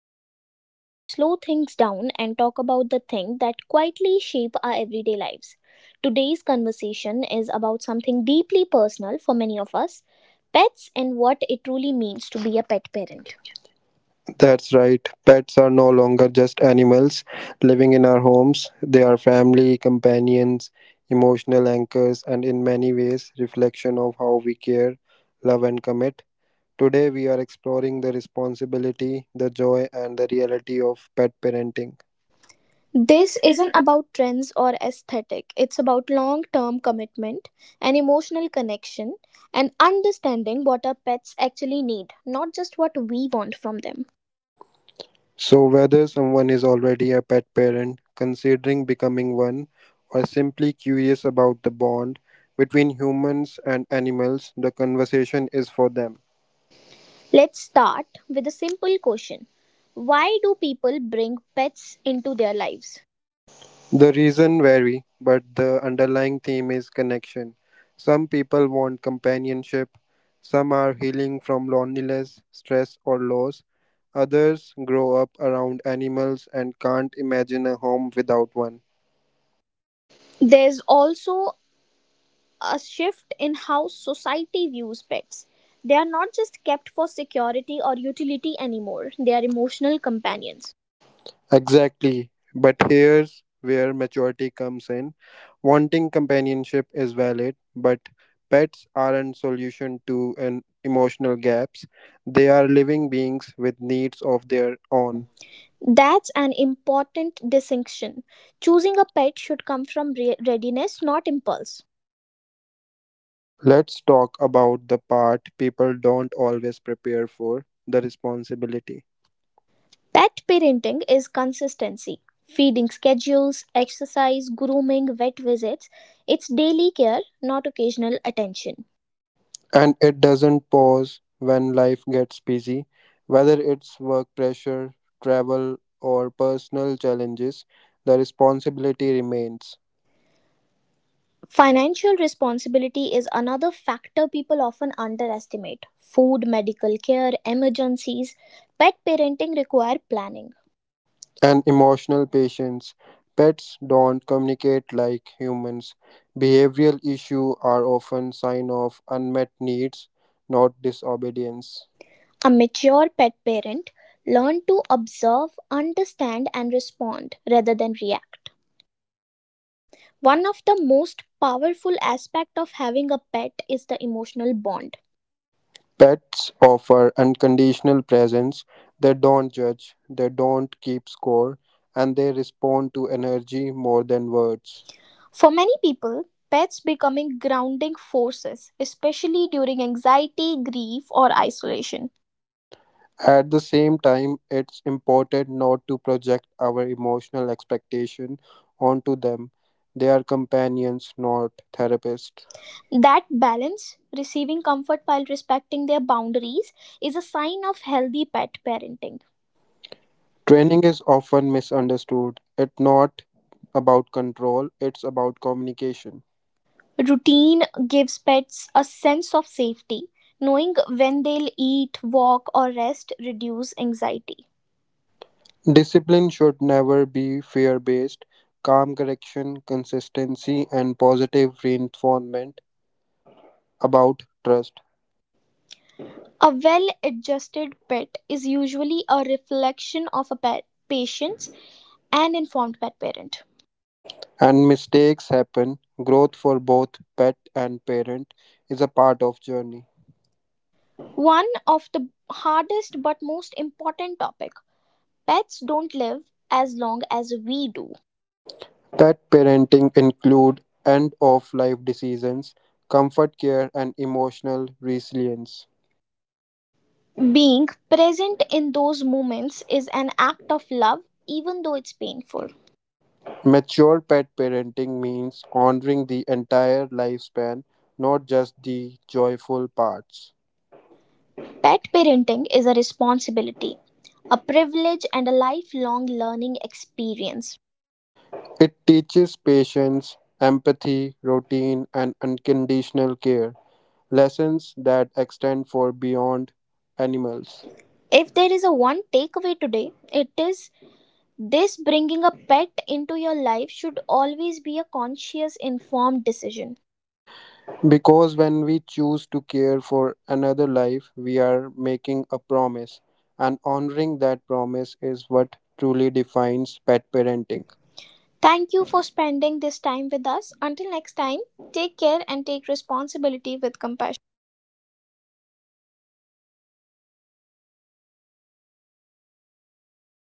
episode where we slow things down and talk about the thing that quietly shape our everyday lives. Today's conversation is about something deeply personal for many of us, pets and what it truly means to be a pet parent. That's right. Pets are no longer just animals living in our homes. They are family, companions, emotional anchors, and in many ways, reflection of how we care, love, and commit. Today, we are exploring the responsibility, the joy, and the reality of pet parenting. This isn't about trends or aesthetic. It's about long-term commitment, an emotional connection, and understanding what our pets actually need, not just what we want from them. So, whether someone is already a pet parent, considering becoming one, or simply curious about the bond between humans and animals, the conversation is for them. Let's start with a simple question. Why do people bring pets into their lives? The reason vary, but the underlying theme is connection. Some people want companionship, some are healing from loneliness, stress, or loss. Others grow up around animals and can't imagine a home without one. There's also a shift in how society views pets. They are not just kept for security or utility anymore, they are emotional companions. Exactly. But here's where maturity comes in. Wanting companionship is valid, but pets aren't solution to an emotional gaps. They are living beings with needs of their own. That's an important distinction. Choosing a pet should come from readiness, not impulse. Let's talk about the part people don't always prepare for the responsibility. Pet parenting is consistency. Feeding schedules, exercise, grooming, vet visits. It's daily care, not occasional attention. And it doesn't pause when life gets busy, whether it's work pressure, travel, or personal challenges, the responsibility remains. Financial responsibility is another factor people often underestimate. Food, medical care, emergencies. Pet parenting require planning. And emotional patience. Pets don't communicate like humans. Behavioral issues are often sign of unmet needs, not disobedience. A mature pet parent learns to observe, understand and respond rather than react. One of the most powerful aspects of having a pet is the emotional bond. Pets offer unconditional presence, they don't judge, they don't keep score, and they respond to energy more than words. For many people, pets becoming grounding forces, especially during anxiety, grief, or isolation. At the same time, it's important not to project our emotional expectation onto them. They are companions, not therapists. That balance, receiving comfort while respecting their boundaries, is a sign of healthy pet parenting. Training. Training is often misunderstood. It's not about control, it's about communication. Routine gives pets a sense of safety. Knowing when they'll eat, walk, or rest reduce anxiety. Discipline should never be fear based. Calm correction, consistency, and positive reinforcement about trust. A well adjusted pet is usually a reflection of a pet patience and informed pet parent. And mistakes happen. Growth for both pet and parent is a part of journey. One of the hardest but most important topic. Pets don't live as long as we do. Pet parenting include end of life decisions, comfort care, and emotional resilience. Being present in those moments is an act of love even though it's painful. Mature pet parenting means honoring the entire lifespan, not just the joyful parts. Pet parenting is a responsibility, a privilege and a lifelong learning experience. It teaches patience, empathy, routine, and unconditional care, lessons that extend for beyond animals. If there is a one takeaway today, it is this bringing a pet into your life should always be a conscious informed decision. Because when we choose to care for another life, we are making a promise, and honoring that promise is what truly defines pet parenting. Thank you for spending this time with us. Until next time, take care and take responsibility with compassion.